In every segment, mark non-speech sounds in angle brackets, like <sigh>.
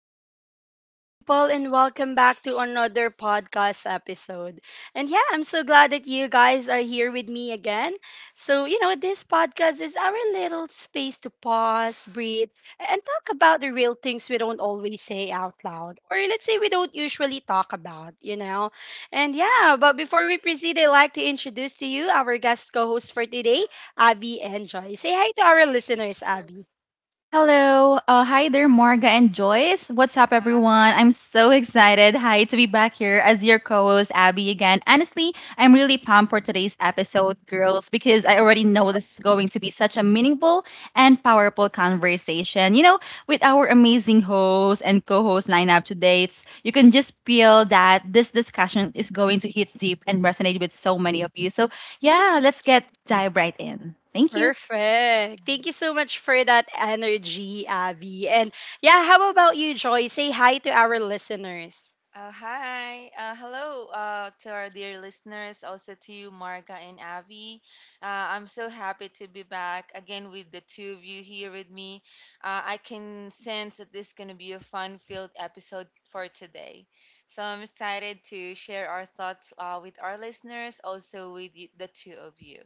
hello, beautiful people, and welcome back to another podcast episode. And yeah, I'm so glad that you guys are here with me again. So, you know, this podcast is our little space to pause, breathe, and talk about the real things we don't always say out loud, or let's say we don't usually talk about, you know? And yeah, but before we proceed, I'd like to introduce to you our guest co host for today, Abby and Joy. Say hi to our listeners, Abby. Hello. Hi there, Marga and Joyce. What's up, everyone? I'm Hi. so excited. Hi, to be back here as your co host, Abby, again. Honestly, I'm really pumped for today's episode, girls, because I already know this is going to be such a meaningful and powerful conversation. You know, with our amazing host and co host lineup today, you can just feel that this discussion is going to hit deep and resonate with so many of you. So, yeah, let's get dive right in. Thank you. Perfect. Thank you so much for that energy, Abby. And yeah, how about you, Joy? Say hi to our listeners. Hi. Hello to our dear listeners, also to you, Marga and Avi. Uh, I'm so happy to be back again with the two of you here with me. I can sense that this is going to be a fun filled episode for today. So I'm excited to share our thoughts with our listeners, also with the two of you.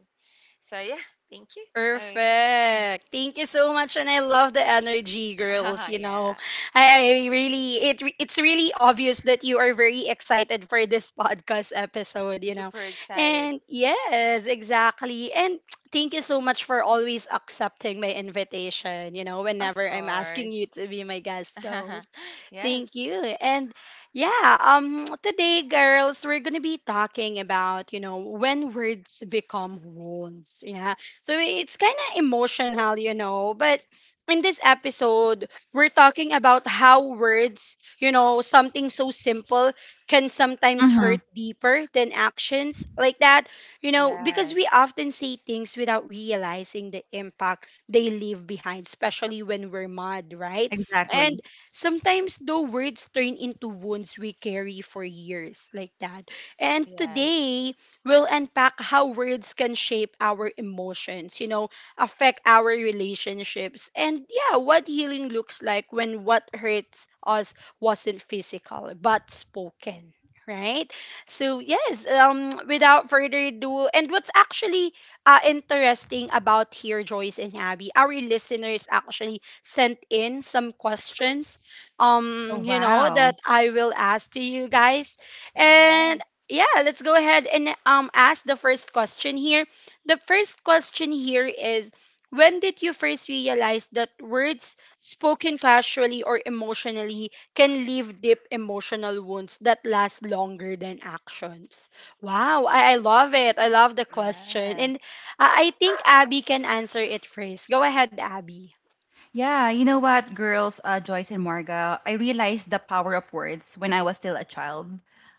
So, yeah, thank you. Okay. Perfect. Thank you so much, and I love the energy, girls. You <laughs> Yeah, know, I really it's really obvious that you are very excited for this <laughs> podcast episode. You know, super excited. and yes, exactly. And <tsk> thank you so much for always accepting my invitation. You know, Of whenever I'm asking you course. to be my guest <laughs> host. Thank Yes. you. And yeah, <tsk> today girls, we're going to be talking about, you know, when words become wounds. Yeah. So it's kind of emotional, you know, but in this episode, we're talking about how words, you know, something so simple can sometimes Mm-hmm. hurt deeper than actions like that, you know, because we Yes. often say things without realizing the impact they leave behind, especially when we're mad, right? And Exactly. sometimes, though, words turn into wounds we carry for years, like that. And Yes. today, we'll unpack how words can shape our emotions, you know, affect our relationships, and yeah, what healing looks like when what hurts us wasn't physical but spoken. Right, so yes, without further ado, and what's actually interesting about here, Joyce and Abby, our listeners actually sent in some questions Oh, you know wow. that I will ask to you guys, and Yes. yeah, let's go ahead and ask the first question here. The first question here is, when did you first realize that words spoken casually or emotionally can leave deep emotional wounds that last longer than actions? Wow, I love it. I love the question. And Yes. I think Abby can answer it first. Go ahead, Abby. Yeah, you know what, girls, Joyce and Marga, I realized the power of words when I was still a child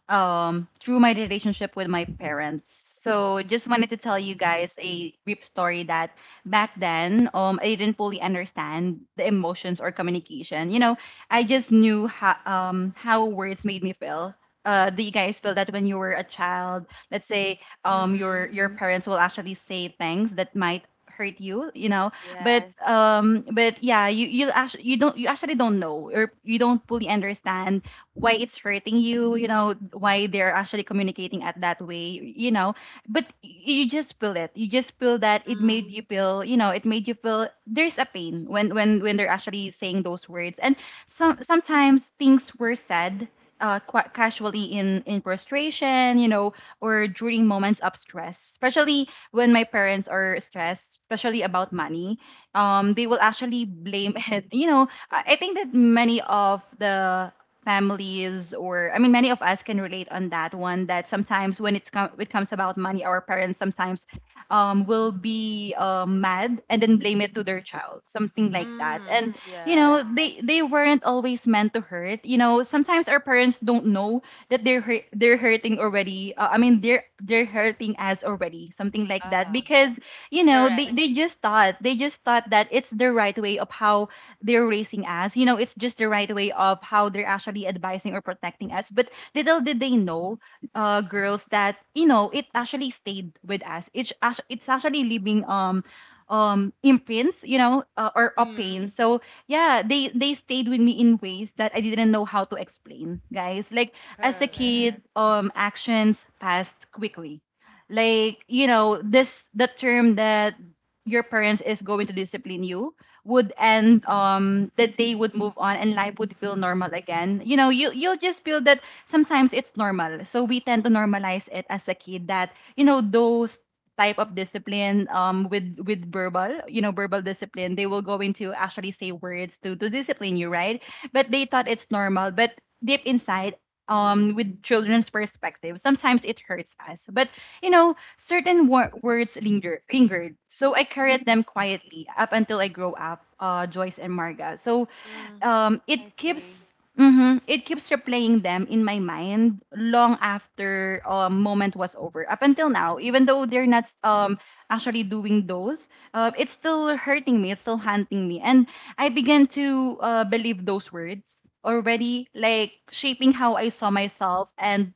through my relationship with my parents. So, just wanted to tell you guys a brief story that back then, I didn't fully understand the emotions or communication. You know, I just knew how words made me feel. Do you guys feel that when you were a child, let's say your Mm-hmm. your parents will actually say things that might hurt you, you know? But Yes. um, but yeah, you actually don't know, or you don't fully understand why it's hurting you. You know why they're actually communicating at that way. You know, but you just feel it. You just feel that it Mm. made you feel. You know, it made you feel there's a pain when when they're actually saying those words. And sometimes things were said quite casually in frustration, you know, or during moments of stress, especially when my parents are stressed, especially about money, they will actually blame <laughs> it. You know, I think that many of the families, or I mean many of us, can relate on that one, that sometimes when it comes about money, our parents sometimes will be mad and then blame it to their child, something like that. Mm. And you know, Yes. they weren't always meant to hurt. You know, sometimes our parents don't know that they're hurting already. I mean, they're hurting us already, something like that, Ah, because you know, correct. they just thought, they just thought that it's the right way of how they're raising us. You know, it's just the right way of how they're actually advising or protecting us, but little did they know, girls, that you know, it actually stayed with us. It's actually leaving um imprints, you know, or a pain. Mm. So yeah, they stayed with me in ways that I didn't know how to explain, guys. Like as a kid, Correct. Actions passed quickly. Like you know, this the term that your parents is going to discipline you would end. That they would move on and life would feel normal again. You know, you you'll just feel that sometimes it's normal, so we tend to normalize it as a kid that you know, those type of discipline, with verbal, you know, verbal discipline, they will go into actually say words to discipline you, right? But they thought it's normal. But deep inside, with children's perspective, sometimes it hurts us. But you know, certain words lingered. So I carried them quietly up until I grow up, Joyce and Marga. So Mm. It I see. keeps, it keeps replaying them in my mind long after a moment was over, up until now, even though they're not actually doing those, it's still hurting me, it's still haunting me. And I began to believe those words already, like shaping how I saw myself and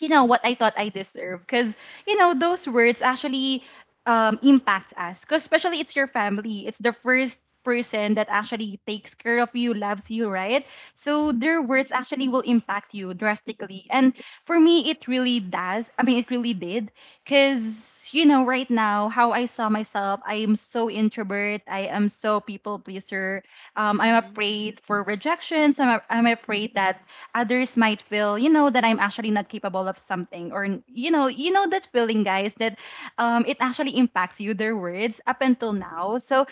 you know what I thought I deserved, because you know, those words actually impacts us, because especially it's your family, it's the first person that actually takes care of you, loves you, right? So their words actually will impact you drastically. And for me, it really does. I mean, it really did, because you know, right now, how I saw myself, I am so introvert, I am so people pleaser. I'm Mm-hmm. afraid for rejections. I'm afraid that others might feel, you know, that I'm actually not capable of something. Or you know that feeling, guys, that it actually impacts you. Their words up until now. So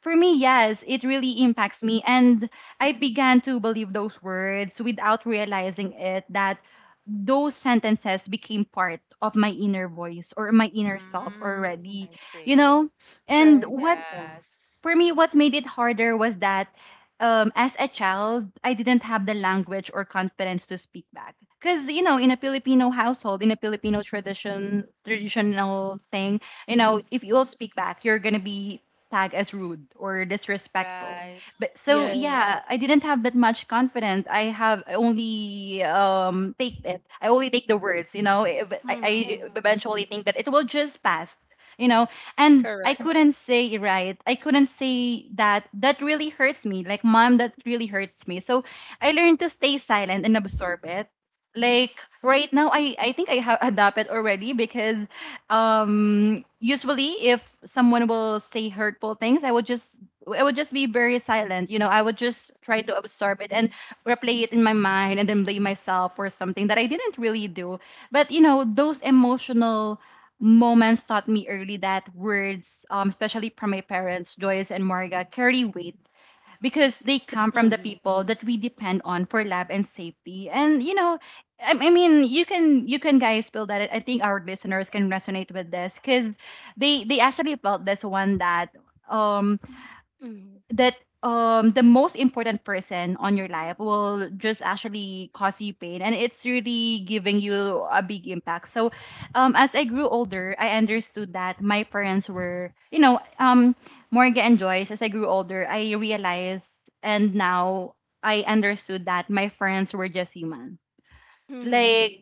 for me, yes, it really impacts me. And I began to believe those words without realizing it. That those sentences became part of my inner voice, or my inner self Mm. already, I you see. know. And Right. what, Yes. for me, what made it harder was that as a child, I didn't have the language or confidence to speak back. Because you know, in a Filipino household, in a Filipino tradition, traditional thing, you know, if you'll speak back, you're going to be tagged as rude or disrespectful. Right. But so, Correct. Yes. yeah, I didn't have that much confidence. I only take it. I only take the words, you know, eh, but I Mm-hmm. eventually think that it will just pass. You know, and I Correct. couldn't say right. I couldn't say that. That really hurts me. Like, mom, that really hurts me. So I learned to stay silent and absorb it. Like right now, I think I have <laughs> adopted already, because usually if someone will say hurtful things, I would just be very silent. You know, I would just try to absorb it and replay it in my mind, and then blame myself for something that I didn't really do. But you know, those emotional moments taught me early that words, especially from my parents, Joyce and Marga, carry weight, because they come from the Mm-hmm. people that we depend on for lab and safety. And you know, I mean, you can, you can guys feel that. I think our listeners can resonate with this because they actually felt this one, that um Mm-hmm. that the most important person on your life will just actually cause you pain, and it's really giving you a big impact. So as I grew older, I understood that my parents were, you know, Morgan and Joyce, as I grew older, I realized, and now I understood, that my friends were just human. Mm-hmm. Mm-hmm. like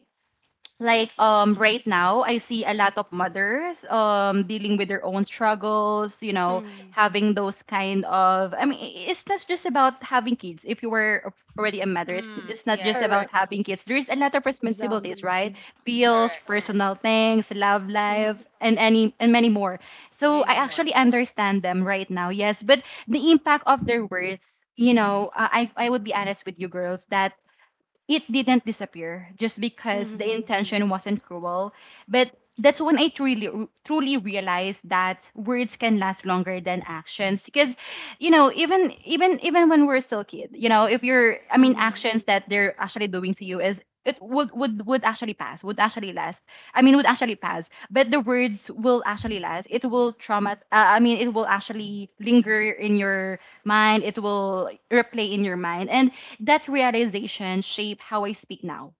like um right now, I see a lot of mothers dealing with their own struggles, you know, Mm-hmm. having those kind of, I mean, it's not just about having kids. If you were already a mother, Mm. it's not just Yes. about Correct. having kids, there's a lot of responsibilities, Exactly. right? Bills, Correct. personal things, love Mm-hmm. life, and any and many more. So I Many more. actually Yes. understand them right now. Yes, but the impact of their words, you know, I would be honest with you girls, that it didn't disappear just because the Mm-hmm. intention wasn't cruel. But that's when I truly realized that words can last longer than actions, because you know, even when we're still kid, you know, if you're, I mean, Mm-hmm. actions that they're actually doing to you is, it would actually pass, would actually last, I mean, would actually pass, but the words will actually last. It will trauma, I mean, it will actually linger in your mind, it will replay in your mind. And that realization shaped how I speak now,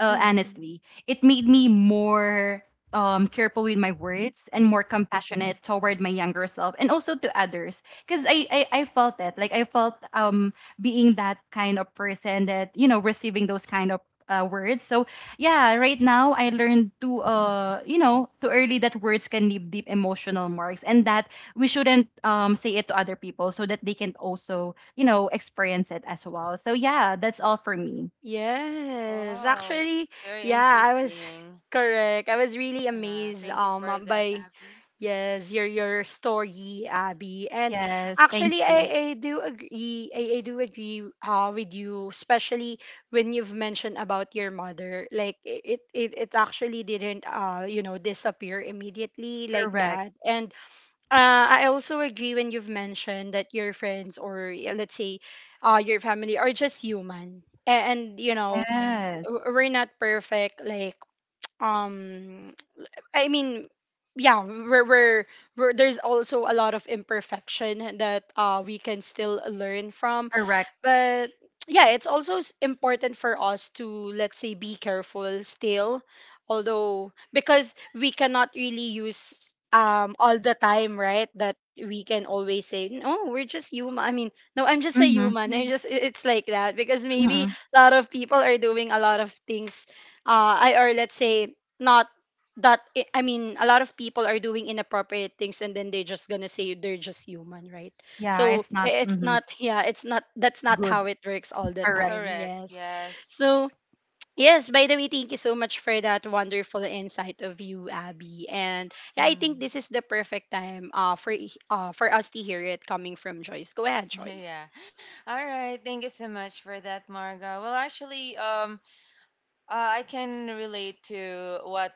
Mm-hmm. honestly. It made me more careful with my words and more compassionate toward my younger self, and also to others. Because I felt it. Like I felt, being that kind of person that, you know, receiving those kind of words. So yeah, right now I learned to, you know, too early, that words can leave deep emotional marks, and that we shouldn't say it to other people, so that they can also, you know, experience it as well. So yeah, that's all for me. Yes. Wow. Actually, Very yeah, I was interesting. <laughs> correct. I was really amazed Thank you for that, by Abby. yes, your story, Abby. And Yes, thank actually I, you. I do agree, I do agree with you, especially when you've mentioned about your mother. Like, it actually didn't you know disappear immediately like Correct. that. And I also agree when you've mentioned that your friends, or yeah, let's say your family are just human. And you know, w- Yes. we're not perfect like, um I mean, yeah, we're there's also a lot of imperfection that we can still learn from, Correct. but yeah, it's also important for us to let's say be careful still, although because we cannot really use all the time, right? That we can always say, no, we're just human. I mean, no, I'm just a Mhm. human. <laughs> I Mm. just it's like that because maybe Mhm. a lot of people are doing a lot of things, I or let's say not that I mean a lot of people are doing inappropriate things and then they're just gonna say they're just human, right? Yeah, So it's not it's mhm. not, yeah, it's not, that's not Good. how it works all the Correct. time. Correct. Yes. Yes. So yes, by the way, thank you so much for that wonderful insight of you, Abby. And yeah, I think this Mm. <laughs> is the perfect time for us to hear it coming from Joyce. Go ahead, Yeah. Joyce. Yeah. All right. Thank you so much for that, Marga. Well, actually, I can relate to what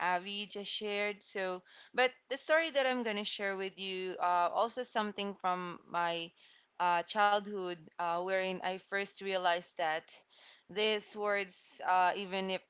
Abby just shared. So, but the story that I'm gonna share with you, also something from my childhood, wherein I first realized that these words, even if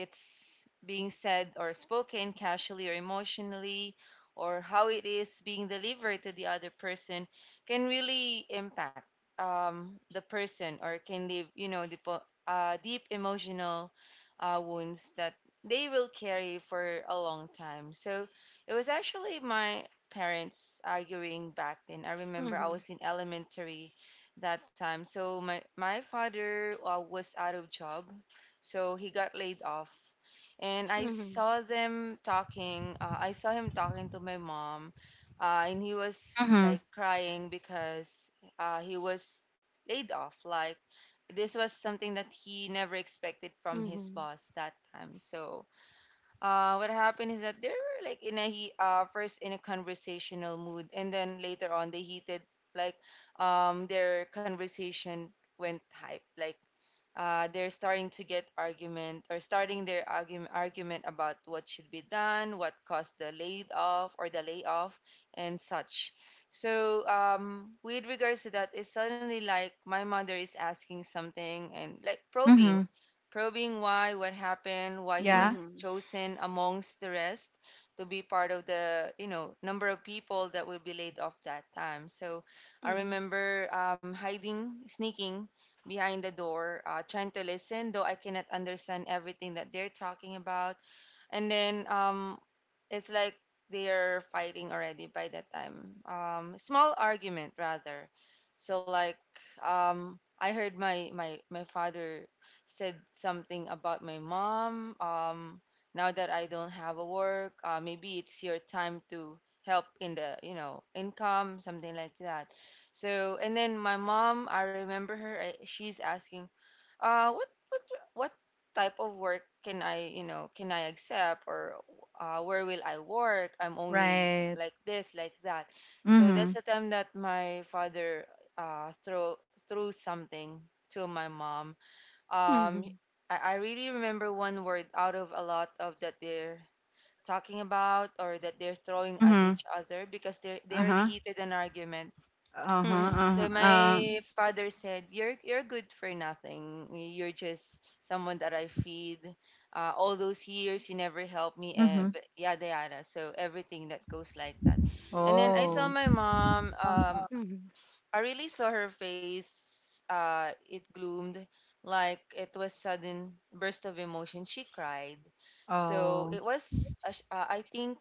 it's being said or spoken casually or emotionally, or how it is being delivered to the other person, can really impact, the person, or can leave, you know, the deep emotional wounds that they will carry for a long time. So it was actually my parents arguing back then. I remember I Mhm. was in elementary that time. So my father was out of job, so he got laid off. And I Mhm. saw them talking. I saw him talking to my mom, and he was Mhm. like crying because he was laid off. Like, this was something that he never expected from his Mhm. boss that time. So, what happened is that they were like in a he first in a conversational mood, and then later on they heated, like, their conversation went hype. Like, they're starting to get argument or starting their argument about what should be done, what caused the laid off or the layoff, and such. So, with regards to that, it's suddenly like my mother is asking something and, like, probing, Mhm. probing why, what happened, why he Yeah. was Mm-hmm. chosen amongst the rest to be part of the, you know, number of people that will be laid off that time. So I Mhm. remember, hiding, sneaking behind the door, trying to listen, though I cannot understand everything that they're talking about. And then, it's like they're fighting already by that time. Small argument rather. So, like, I heard my father said something about my mom. Now that I don't have a work, maybe it's your time to help in the, you know, income, something like that. So, and then my mom, I remember her. She's asking uh what what what type of work can I, you know, can I accept, or where will I work, I'm only Right. like this, like that. So that's Mhm. the time that my father throw threw something to my mom. um Mhm. I, I really remember one word out of a lot of that they're talking about, or that they're throwing at Mhm. each other because they already Uh-huh. heated an argument. Uh-huh. Mm-hmm. So my father said, "You're good for nothing. You're just someone that I feed. All those years you never helped me, eh, Mhm. but yada yada." So everything that goes like that. And then I saw Oh. my mom. Oh. Mhm. I really saw her face. It gloomed, like it was sudden burst of emotion. She cried. So Oh. it was, I think,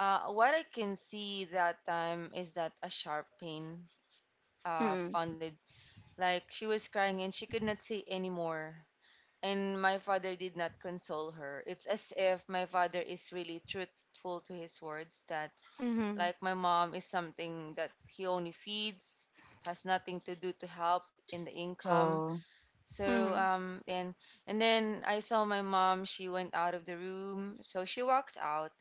what I can see that time is that a sharp pain Mm-hmm. pounded, like she was crying and she could not say anymore. And my father did not console her. It's as if my father is really truthful to his words that, Mhm. like, my mom is something that he only feeds, has nothing to do to help in the income. Oh. So, Mhm. And then I saw my mom, she went out of the room. So she walked out,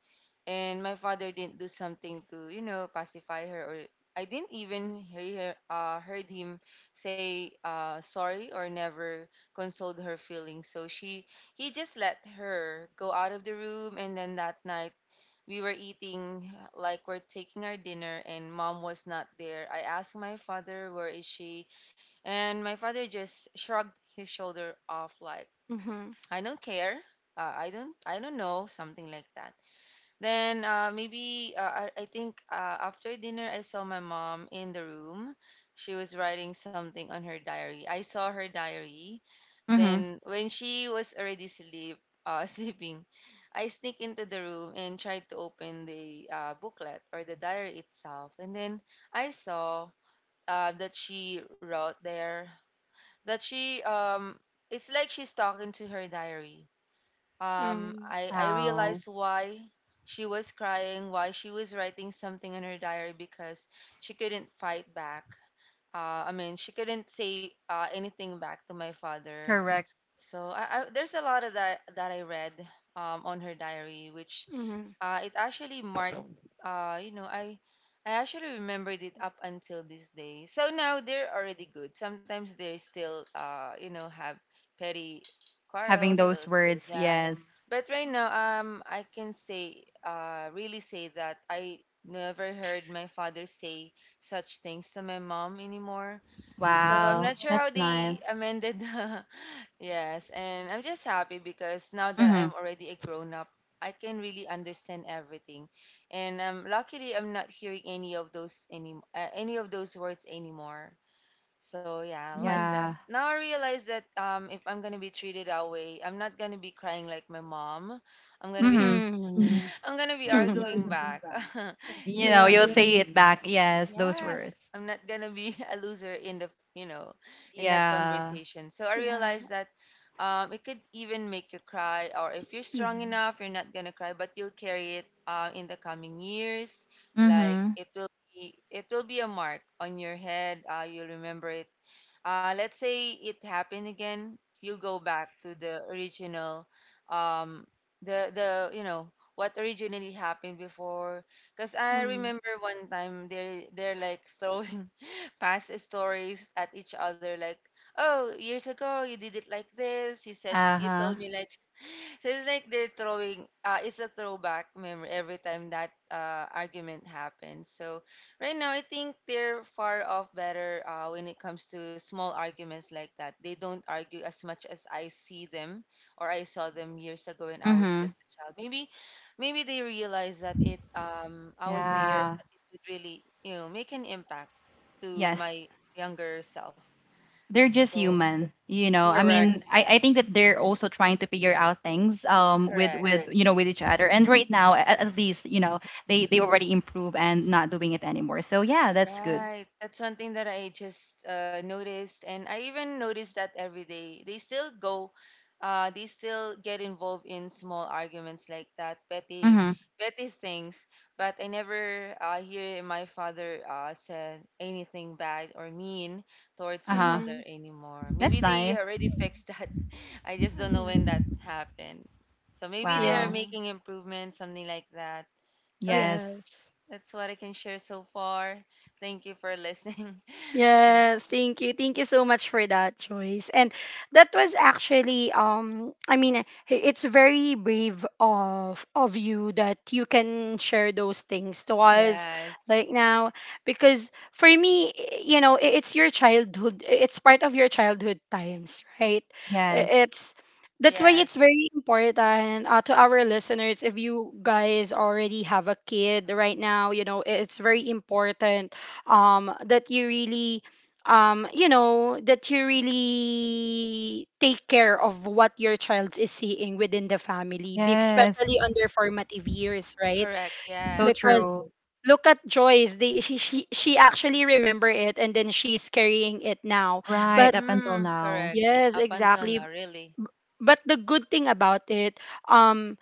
and my father didn't do something to, you know, pacify her, or I didn't even heard him say sorry or never consoled her feelings, so she he just let her go out of the room. And then that night we were eating, like, we're taking our dinner, and mom was not there. I asked my father where is she, and my father just shrugged his shoulder off, like, Mhm. "I don't care, I don't know," something like that. Then, maybe I think after dinner, I saw my mom in the room. She was writing something on her diary. I saw her diary. Mhm. Then when she was already <laughs> sleeping, I sneak into the room and tried to open the booklet or the diary itself. And then I saw that she wrote there that she— it's like she's talking to her diary. um, Mm, I, I How. realized why she was crying, why she was writing something in her diary, because she couldn't fight back. I mean, she couldn't say anything back to my father. Correct. So, there's a lot of that that I read on her diary, which mhm, it actually marked. You know, I actually remembered it up until this day. So now they're already good. Sometimes they still, you know, have petty Having quarrels. So those words. yeah, Yes. but right now, I can say really say that I never heard my father say such things to my mom anymore. So I'm not Wow. sure how That's they nice. amended <laughs> the— Yes, and I'm just happy because now that Mhm. I'm already a grown up, I can really understand everything. And, luckily, I'm not hearing any of those words anymore. So yeah, I mhm, like that. Yeah. Now I realize that, if I'm gonna be treated that way, I'm not gonna be crying like my mom. I'm gonna be Mhm. mm, <laughs> I'm gonna be mhm. <laughs> arguing back. <laughs> You So know, Right. you'll say something. it back. Yes, those Yes, words. I'm not gonna be <laughs> a loser in the you know in that Yeah. conversation. So I Yeah. realized that, it could even make you cry, or if you're Hmm. strong Hmm. enough, you're not gonna cry, but you'll carry it in the coming years. Like, Mhm. It will be a mark on your head. You'll remember it. Let's say it happened again, you go back to the original, um, the you know what originally happened before. 'Cause I remember one time they're like throwing <laughs> past stories at each other, like, "Oh, years ago you did it like this. You said you Uh-huh. told me like—" <laughs> So it's like they're throwing, it's a throwback memory every time that argument happens. So right now, I think they're far off better when it comes to small arguments like that. They don't argue as much as I see them, or I saw them years ago when I was Mhm. just a child. Maybe they realize that, it I was there, Yeah. that it would really, you know, make an impact to Yes. my younger self. They're just So human, you know. yeah, I Correct. mean, I, I think that they're also trying to figure out things um with correct. with Correct. You know with each other. And right now, at least you know they already improve and not doing it anymore. So yeah, that's good. Right. That's one thing that I just noticed. And I even noticed that every day they still go, they still get involved in small arguments like that, petty, Mhm. petty things. But I never hear my father said anything bad or mean towards Uh my huh. mother Mhm, anymore. Maybe That's they nice. already fixed that. <laughs> I just don't know mhm. when that happened. So maybe they are Wow. Yeah. making improvements, something like that. So yeah, Yes. Yes. that's what I can share so far. Thank you for listening. <laughs> Okay. Yes, thank you. Thank you so much for that choice. And that was actually it's very brave of you that you can share those things to us Yes. like now, because for me you know, it's your childhood, it's part of your childhood times, right? I- Yes. It's That's why Yes. it's very important to our listeners, if you guys already have a kid right now, you know, it's very important that you really you know that you really take care of what your child is seeing within the family, especially on Yes. their formative years, right? Correct. So Because Yes. true. look at Joyce, they she actually remember it and then she's carrying it now, Right but up until Mm, correct. now. yes, Up until now, exactly. really. But the good thing about it, um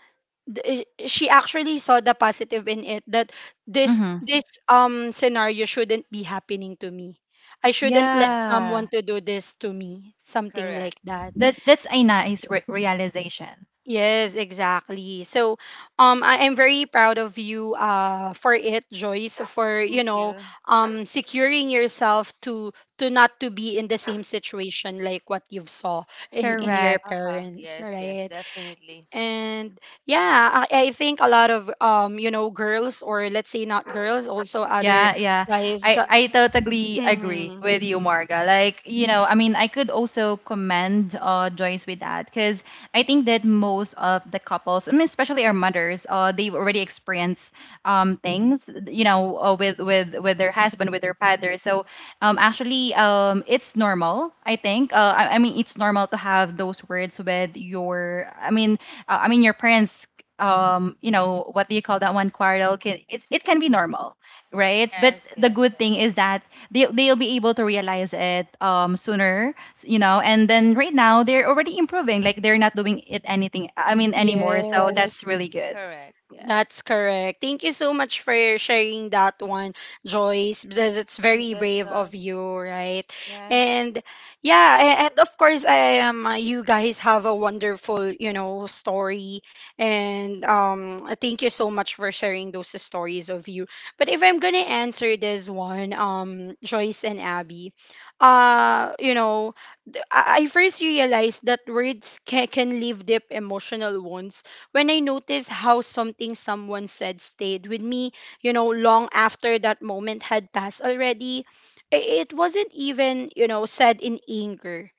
she actually saw the positive in it, that this Mhm. Scenario shouldn't be happening to me. I shouldn't let Mm, someone Yeah. to do this to me, something correct. like that. That that's a nice realization. Yes, exactly. So, I am very proud of you, for it, Joyce, for you Thank know, you. Securing yourself to not to be in the same situation like what you've saw in your Correct. Aha. parents, Yes, yes, right? definitely. And yeah, I think a lot of you know, girls, or let's say not girls, also other Yeah, yeah. guys. I totally agree Mhm. with you, Marga. Like, you know, I mean, I could also commend Joyce with that because I think that most of the couples, I mean, especially our mothers, they already experience things, you know, with their husband, with their father. So, actually, it's normal. I think. I mean, it's normal to have those words with your. I mean, your parents. You know, what do you call that one? Quarrel. Can it can be normal, right? But Yes, the good yes. thing is that they'll be able to realize it sooner, you know. And then right now they're already improving, like they're not doing it anything. I mean anymore. So, oh, Yes. that's really good. Correct. That's Yes. correct. Thank you so much for sharing that one, Joyce. That's Thank very you as brave of well. you, right? Yes. And yeah, and of course, I am. You guys have a wonderful, you know, story, and thank you so much for sharing those stories of you. But if I'm gonna answer this one, Joyce and Abby, you know, I first realized that words can leave deep emotional wounds when I noticed how something someone said stayed with me, you know, long after that moment had passed already. It wasn't even, you know, said in anger.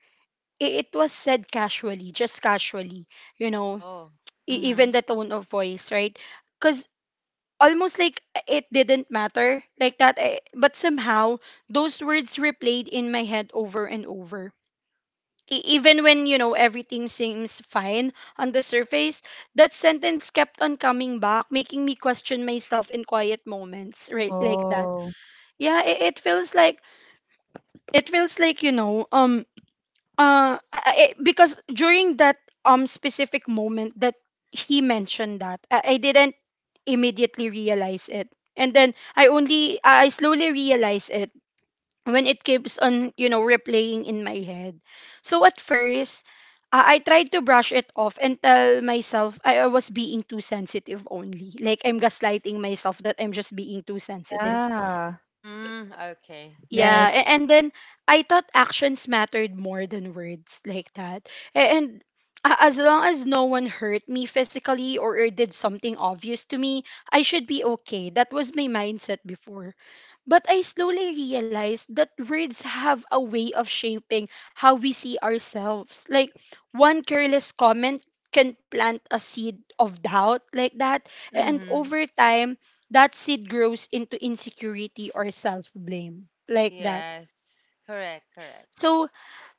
It was said casually, just casually, you know, Oh. Even Mm-hmm. the tone of voice, right? Because almost like it didn't matter like that. But somehow, those words replayed in my head over and over. Even when you know everything seems fine on the surface, that sentence kept on coming back, making me question myself in quiet moments, right, like that. Oh, Yeah, it feels like, it feels like, you know, because during that specific moment that he mentioned, that I didn't immediately realize it, and then I only I slowly realized it when it keeps on, you know, replaying in my head. So at first, I tried to brush it off and tell myself I was being too sensitive only. Like I'm gaslighting myself that I'm just being too sensitive. yeah. Mm, okay. That's Yeah, why. Yes. and then I thought actions mattered more than words like that. And as long as no one hurt me physically, or did something obvious to me, I should be okay. That was my mindset before. But I slowly realized that words have a way of shaping how we see ourselves. Like, one careless comment can plant a seed of doubt, like that. And Mm-hmm. over time, that seed grows into insecurity or self blame, like that. Yes. Correct, correct. So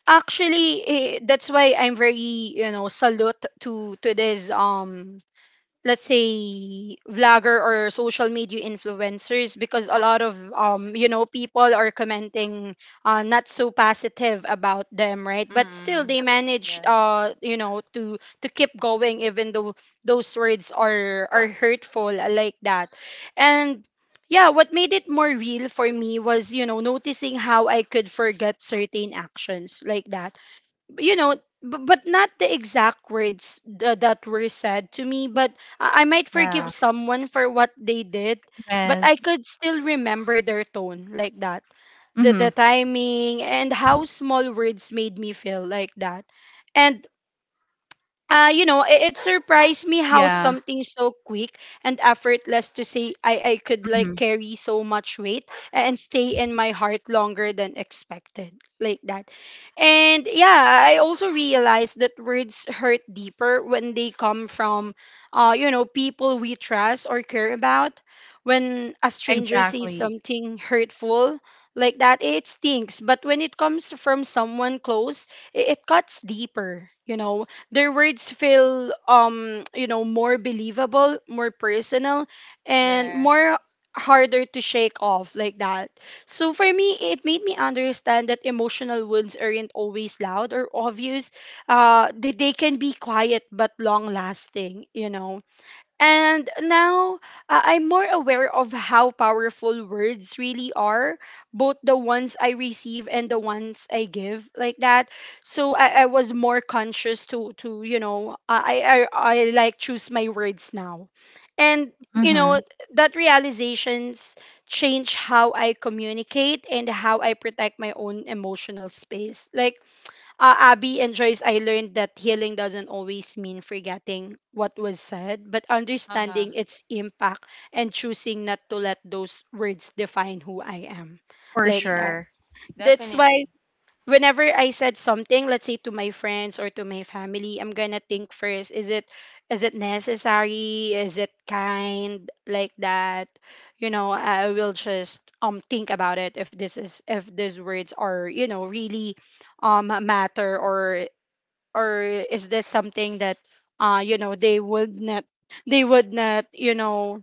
actually, that's why I'm very you know salute to this let's say vlogger or social media influencers, because a lot of you know people are commenting not so positive about them, right? But still Mm-hmm. they manage, Yes. you know, to keep going, even though those words are hurtful, like that. And yeah, what made it more real for me was, you know, noticing how I could forget certain actions, like that, you know, but not the exact words that were said to me, but I might forgive Yeah. someone for what they did, but I Yes. could still remember their tone, like that. The Hmm. Timing and how small words made me feel, like that. And you know, it surprised me how Yeah. something so quick and effortless to say, I could like Hmm. carry so much weight and stay in my heart longer than expected, like that. And yeah, I also realized that words hurt deeper when they come from, you know, people we trust or care about. When a stranger says Exactly. something hurtful, like that, it stings. But when it comes from someone close, it cuts deeper, you know, their words feel you know, more believable, more personal, and more Yes. harder to shake off, like that. So for me, it made me understand that emotional wounds aren't always loud or obvious. They can be quiet but long lasting, you know. And now I'm more aware of how powerful words really are, both the ones I receive and the ones I give, like that. So I was more conscious to like choose my words now, and you know Hmm. that realizations change how I communicate and how I protect my own emotional space. Like Abby and Joyce, I learned that healing doesn't always mean forgetting what was said, but Uh-huh. understanding its impact and choosing not to let those words define who I am. For Like that. sure. Yes. That's why Definitely. whenever I said something, let's say to my friends or to my family, I'm gonna think first, is it necessary? Is it kind, like that? You know, I will just think about it, if this is if these words are, you know, really matter, or is this something that you know they would not they would not, you know,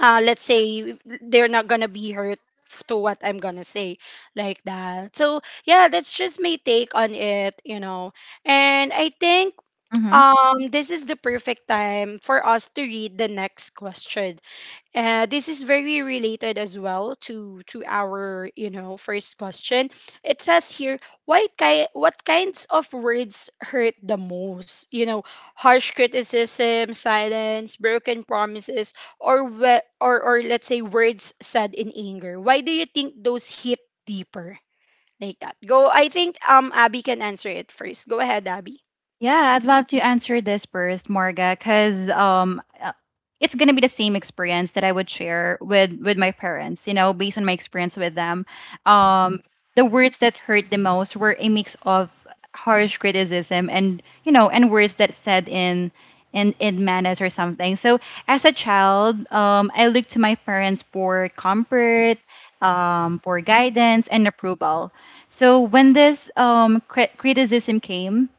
let's say they're not gonna be hurt to what I'm gonna say, like that. So yeah, that's just my take on it, you know. And I think Hmm. This is the perfect time for us to read the next question. This is very related as well to our, you know, first question. It says here, why what kinds of words hurt the most? You know, harsh criticism, silence, broken promises, or we- or let's say words said in anger. Why do you think those hit deeper, like that? Go. I think Abby can answer it first. Go ahead, Abby. Yeah, I'd love to answer this first, Morga, because it's gonna be the same experience that I would share with my parents. You know, based on my experience with them, um, the words that hurt the most were a mix of harsh criticism and, you know, and words that said in in manners or something. So as a child, I looked to my parents for comfort, for guidance and approval. So when this criticism came,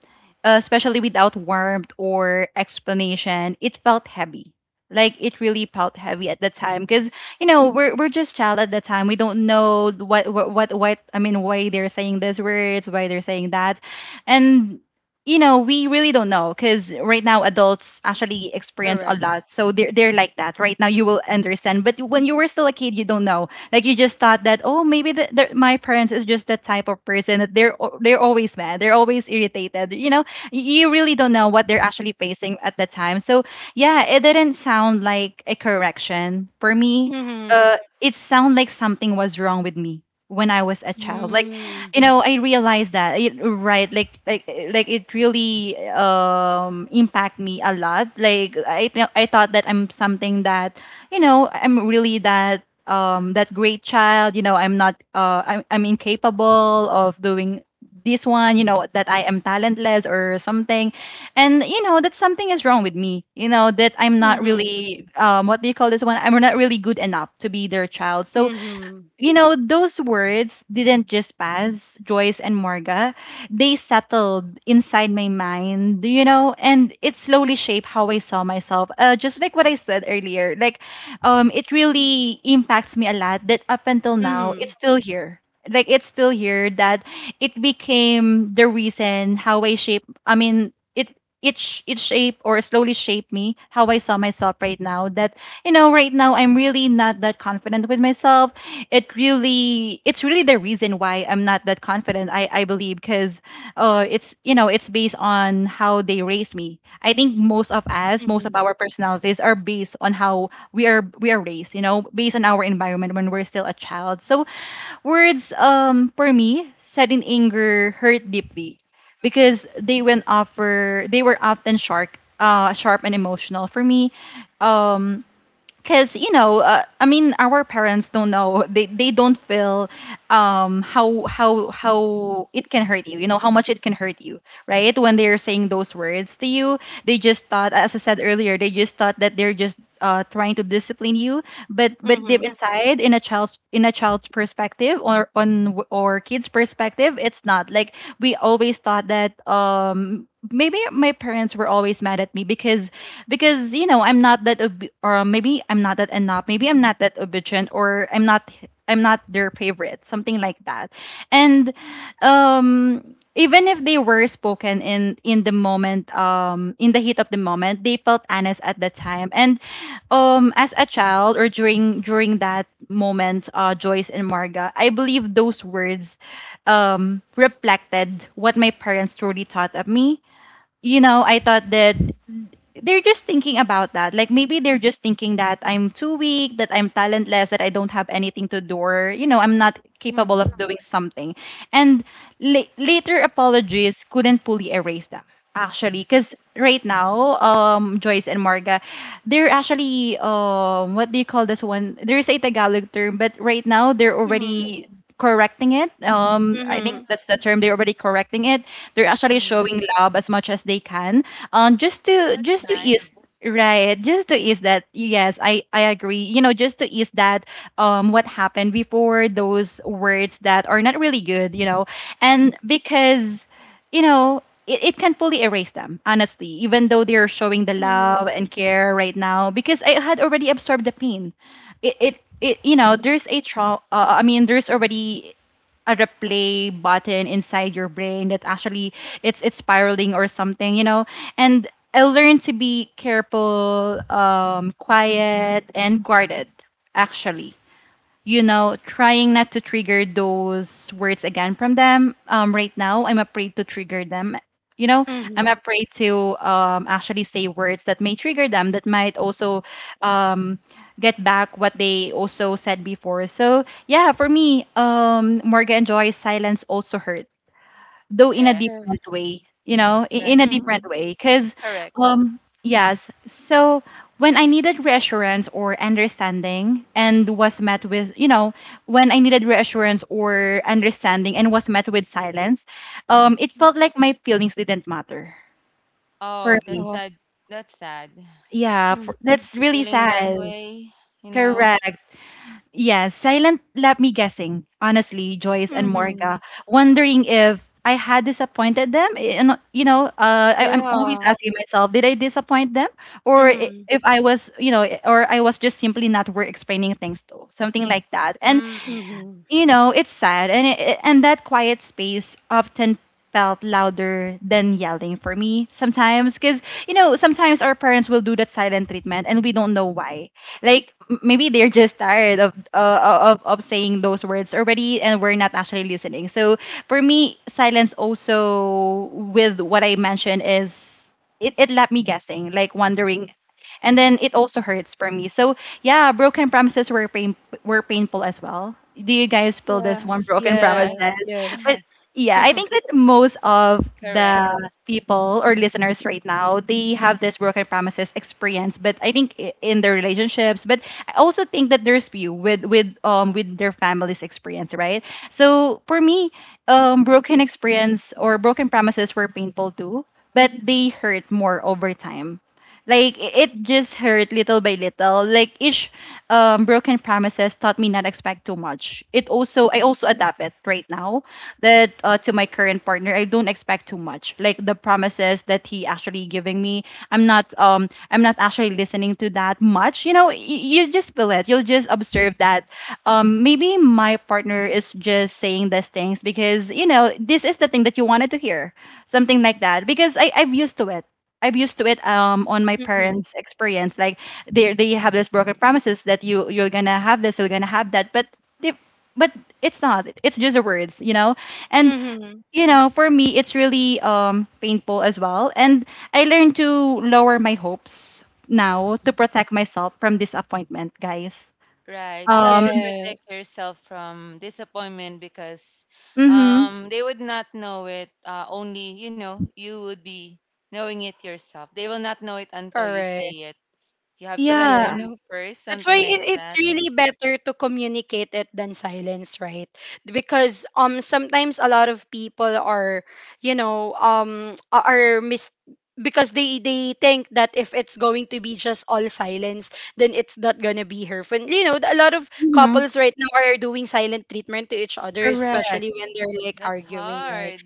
especially without warmth or explanation, it felt heavy. Like it really felt heavy at the time because you know we're just child at the time. We don't know what I mean why they're saying these words, why they're saying that, and you know we really don't know because right now adults actually experience a Correct. lot so they're like that right now you will understand but when you were still a kid you don't know like you just thought that oh maybe my parents is just that type of person that they're always mad they're always irritated, you know, you really don't know what they're actually facing at the time. So yeah, it didn't sound like a correction for me. Mm-hmm. It sounded like something was wrong with me when I was a child. Like, Mm-hmm. you know, I realized that it, right. Like it really impact me a lot. Like, I thought that I'm something that you know I'm really that that great child, you know, I'm not I'm incapable of doing this one, you know, that I am talentless or something. And, you know, that something is wrong with me, you know, that I'm not Mm-hmm. really, what do you call this one? I'm not really good enough to be their child. So Mm-hmm. you know, those words didn't just pass, Joyce and Morga. They settled inside my mind, you know, and it slowly shaped how I saw myself. Just like what I said earlier, like, it really impacts me a lot that up until now, it's Mm-hmm. still here. Like, it's still here that it became the reason how I shape, I mean, it shaped or slowly shaped me how I saw myself right now. That, you know, right now I'm really not that confident with myself. It really, it's really the reason why I'm not that confident. I believe because it's, you know, it's based on how they raised me. I think most of us, most of our personalities are based on how we are raised, you know, based on our environment when we're still a child. So words, for me, said in anger hurt deeply because they went offer they were often sharp, sharp and emotional for me. um because you know, I mean our parents don't know, they don't feel how it can hurt you, you know, how much it can hurt you, right? When they're saying those words to you, they just thought, as I said earlier, they just thought that they're just trying to discipline you. But Mm-hmm. deep inside, in a child's perspective or on or kid's perspective, it's not like we always thought that maybe my parents were always mad at me because you know I'm not that or maybe I'm not that enough, maybe I'm not that obedient, or I'm not their favorite, something like that. And um even if they were spoken in the moment, in the heat of the moment, they felt honest at the time. And as a child, or during that moment, Joyce and Marga, I believe those words reflected what my parents truly thought of me. You know, I thought that they're just thinking about that. Like maybe they're just thinking that I'm too weak, that I'm talentless, that I don't have anything to do, or you know, I'm not capable Mhm. of doing something. And later apologies couldn't fully erase them, actually, because right now, Joyce and Marga, they're actually what do you call this one, there's a Tagalog term, but right now they're Mhm. already correcting it. I think Mhm. that's the term. They're already correcting it. They're actually Mm-hmm. showing love as much as they can. Just to That's ease, nice. right, just to ease that. Yes, I agree. You know, just to ease that. What happened before those words that are not really good. You know, and because you know. It can fully erase them, honestly, even though they're showing the love Mhm. and care right now, because I had already absorbed the pain. It you know there's a trauma. I mean there's already a replay button inside your brain that actually it's spiraling or something, you know. And I learned to be careful, quiet and guarded, actually, you know, trying not to trigger those words again from them. Right now, I'm afraid to trigger them. You know, I'm Mhm. afraid to actually say words that may trigger them, that might also um, get back what they also said before. So, yeah, for me, Morgan and Joy's silence also hurt, though in a Yes. different Yes. way, you know, in Right. a Mhm. different way. Because Correct. Yes. So when I needed reassurance or understanding and was met with, when I needed reassurance or understanding and was met with silence, it felt like my feelings didn't matter for Oh, me. that's Oh. sad. That's sad. Yeah, Mm. for, that's really Feeling sad. that way, you know. Correct. Yes, silent left me guessing, honestly, Joyce and Mhm. Morga, wondering if I had disappointed them. And, you know, I'm always Yeah. asking myself, did I disappoint them? Or Mhm. if I was, you know, or I was just simply not worth explaining things to, something like that. And Mm. Mhm. you know, it's sad, and and that quiet space often felt louder than yelling for me sometimes. Because you know sometimes our parents will do that silent treatment and we don't know why. Like maybe they're just tired of saying those words already and we're not actually listening. So for me, silence also, with what I mentioned, is it left me guessing, like wondering, and then it also hurts for me. So yeah, broken promises were painful as well. Do you guys feel this one, Yes. broken Yes. Yes, promises? Yes. But yeah, I <laughs> think that most of correct. the people or listeners right now they have this broken promises experience, but I think in their relationships, but I also think that there's few with with their families experience, right? So for me, broken experience or broken promises were painful too, but they hurt more over time. Like it just hurt little by little. Like each broken promises taught me not expect too much. It also, I also adapt it right now, that to my current partner I don't expect too much. Like the promises that he actually giving me, I'm not actually listening to that much. You know, you just feel it. You'll just observe that maybe my partner is just saying these things because you know this is the thing that you wanted to hear, something like that. Because I've used to it, I'm used to it, on my Mhm. parents' experience. Like they have this broken promises that you, you're gonna have this, you're gonna have that, but they, but it's not. It's just the words, you know. And Mhm. you know, for me, it's really painful as well. And I learned to lower my hopes now Mm. to protect myself from disappointment, guys. Right. You have Um. to protect Yes. yourself from disappointment because Mm-hmm. They would not know it, only, you know, you would be knowing it yourself. They will not know it until you Correct. say it. You have to let Yes. them Yeah. know first, That's something why like it's that. really better to communicate it than silence, right? Because sometimes a lot of people are, you know, are mis, because they think that if it's going to be just all silence, then it's not gonna be her friend. You know, a lot of Mm-hmm. couples right now are doing silent treatment to each other, especially Correct. when they're, like, That's arguing, right? hard.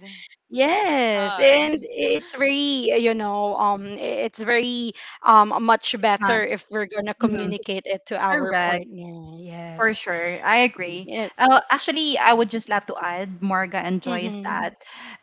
That's Yes, hard. and it's very, you know, it's very much It's not. better if we're gonna Mm-hmm. communicate it to our Correct. partner. For Yes. sure, I agree. Yeah. Actually, I would just love to add, Marga and Joy, Mm-hmm. that,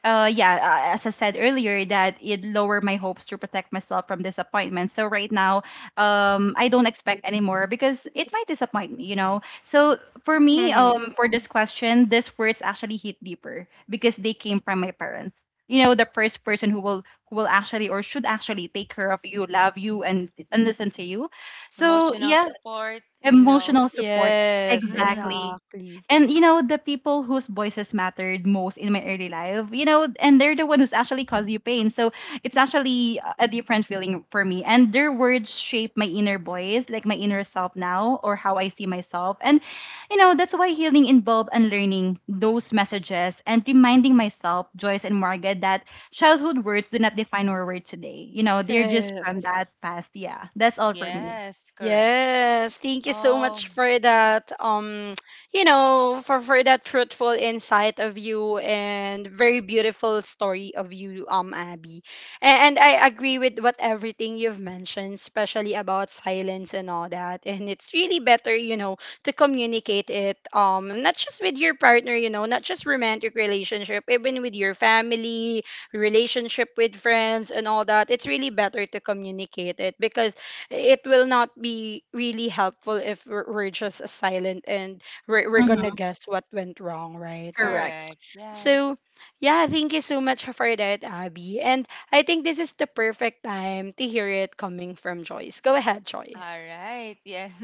yeah, as I said earlier, that it lowered my hopes to protect myself from disappointment. So right now, I don't expect anymore because it might disappoint me, you know. So for me, Mm-hmm. For this question, these words actually hit deeper because they came from my parents. You know, the first person who will actually or should actually take care of you, love you, and listen to you. <laughs> So Emotional yeah, support, you know. emotional support. Yes, Mm-hmm. Exactly. exactly. And you know, the people whose voices mattered most in my early life, you know, and they're the one who's actually caused you pain. So it's actually a different feeling for me. And their words shape my inner voice, like my inner self now, or how I see myself. And you know, that's why healing involved unlearning those messages and reminding myself, Joyce and Margaret, that childhood words do not define our world today. You know, they're just from Yes. that past. Yeah. That's all for me. Yes, correct. Yes, thank you so Oh, much for that. For that fruitful insight of you and very beautiful story of you, Abby. And I agree with what everything you've mentioned, especially about silence and all that. And it's really better, you know, to communicate it. Not just with your partner, you know, not just romantic relationship, even with your family, relationship with friends, and all that. It's really better to communicate it, because it will not be really helpful if we're just silent and we're gonna Hmm. guess what went wrong, right? Correct. correct. So Yes. yeah, thank you so much for that, Abby, and I think this is the perfect time to hear it coming from Joyce. Go ahead, All Joyce. right. Yes. <laughs>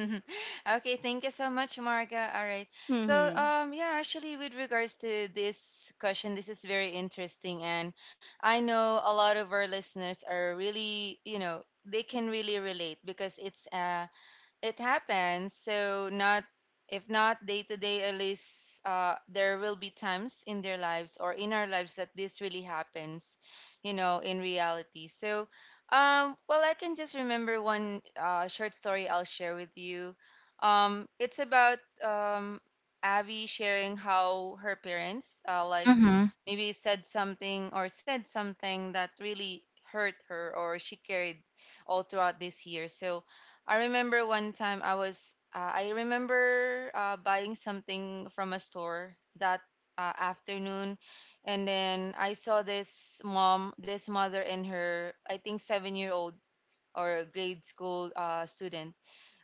Okay, thank you so much, Marga. All right. So, Mm-hmm. Yeah, actually, with regards to this question, this is very interesting, and I know a lot of our listeners are really, you know, they can really relate because it's, it happens. So not if not day to day, at least there will be times in their lives or in our lives that this really happens, you know, in reality. So, well, I can just remember one short story I'll share with you. It's about um, Abby sharing how her parents, like Mhm. maybe said something or said something that really hurt her or she carried all throughout this year. So I remember one time I was, I remember buying something from a store that afternoon. And then I saw this mom, this mother and her, I think, 7 year old or grade school student.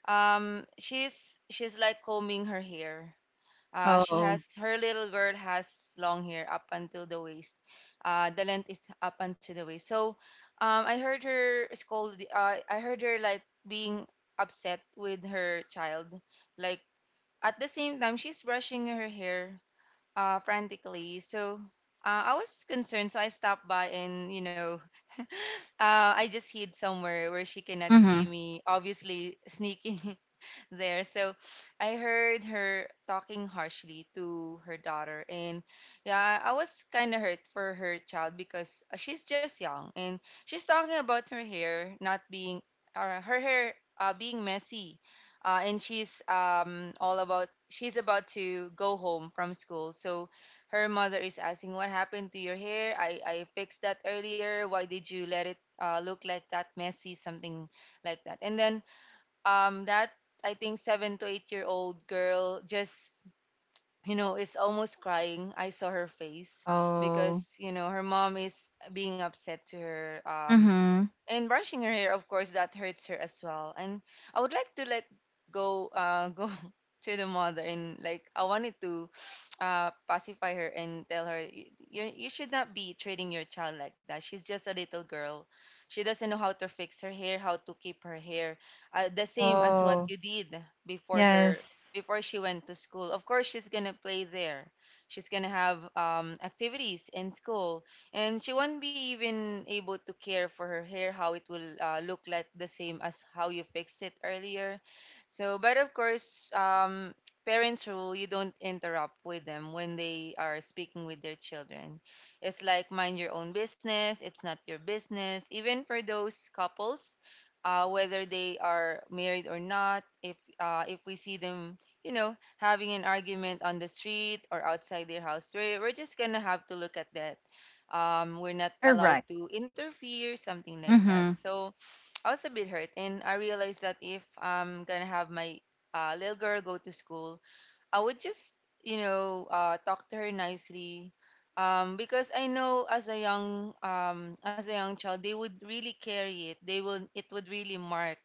She's like combing her hair, she Oh. has her little girl has long hair up until the waist. The length is up until the waist. So I heard her scold. I heard her like being upset with her child. Like at the same time, she's brushing her hair frantically. So I was concerned, so I stopped by and you know <laughs> I just hid somewhere where she cannot Mhm. see me. Obviously, sneaking <laughs> there. So I heard her talking harshly to her daughter. And yeah, I was kind of hurt for her child because she's just young and she's talking about her hair not being, or her hair being messy. And she's all about, she's about to go home from school. So her mother is asking, "What happened to your hair? I fixed that earlier. Why did you let it look like that, messy?" Something like that. And then that, I think, 7 to 8 year old girl just, you know, is almost crying. I saw her face Oh. because, you know, her mom is being upset to her, Mhm. and brushing her hair, of course, that hurts her as well. And I would like to like go <laughs> go to the mother and like I wanted to pacify her and tell her, You should not be treating your child like that. She's just a little girl. She doesn't know how to fix her hair, how to keep her hair the same as what Oh, you did before her yes. before she went to school. Of course, she's gonna play there. She's gonna have activities in school, and she won't be even able to care for her hair how it will look like the same as how you fixed it earlier." So but of course, parents rule, you don't interrupt with them when they are speaking with their children. It's like mind your own business. It's not your business. Even for those couples, whether they are married or not, if if we see them, you know, having an argument on the street or outside their house, we're just gonna have to look at that. We're not You're allowed right. to interfere, something like that. Mhm. So I was a bit hurt, and I realized that if I'm gonna have my little girl go to school, I would just, you know, talk to her nicely, because I know as a young child, they would really carry it. They will, it would really mark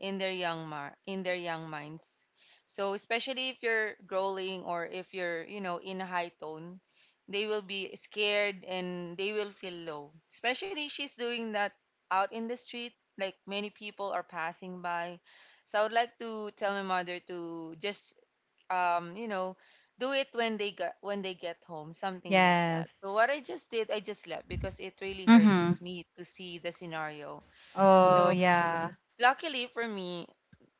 in their young in their young minds. So especially if you're growling or if you're, you know, in a high tone, they will be scared and they will feel low. Especially she's doing that out in the street, like many people are passing by. So I would like to tell my mother to just you know do it when they get home, something like that. So Yes. what I just did, I just left because it really hurts Mhm. me to see the scenario. So Oh, yeah. luckily for me,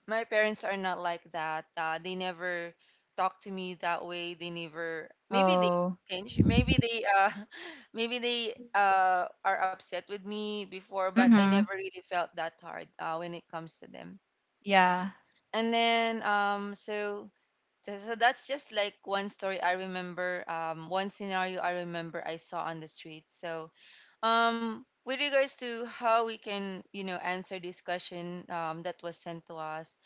my parents are not like that. They never talk to me that way. They never, maybe they Oh, pinch, maybe they <laughs> maybe they are upset with me before, but I never mhm, really felt that hard when it comes to them. yeah. And then so that's just like one story I remember, one scenario I remember I saw on the street. So, with regards to how we can, you know, answer this question that was sent to us,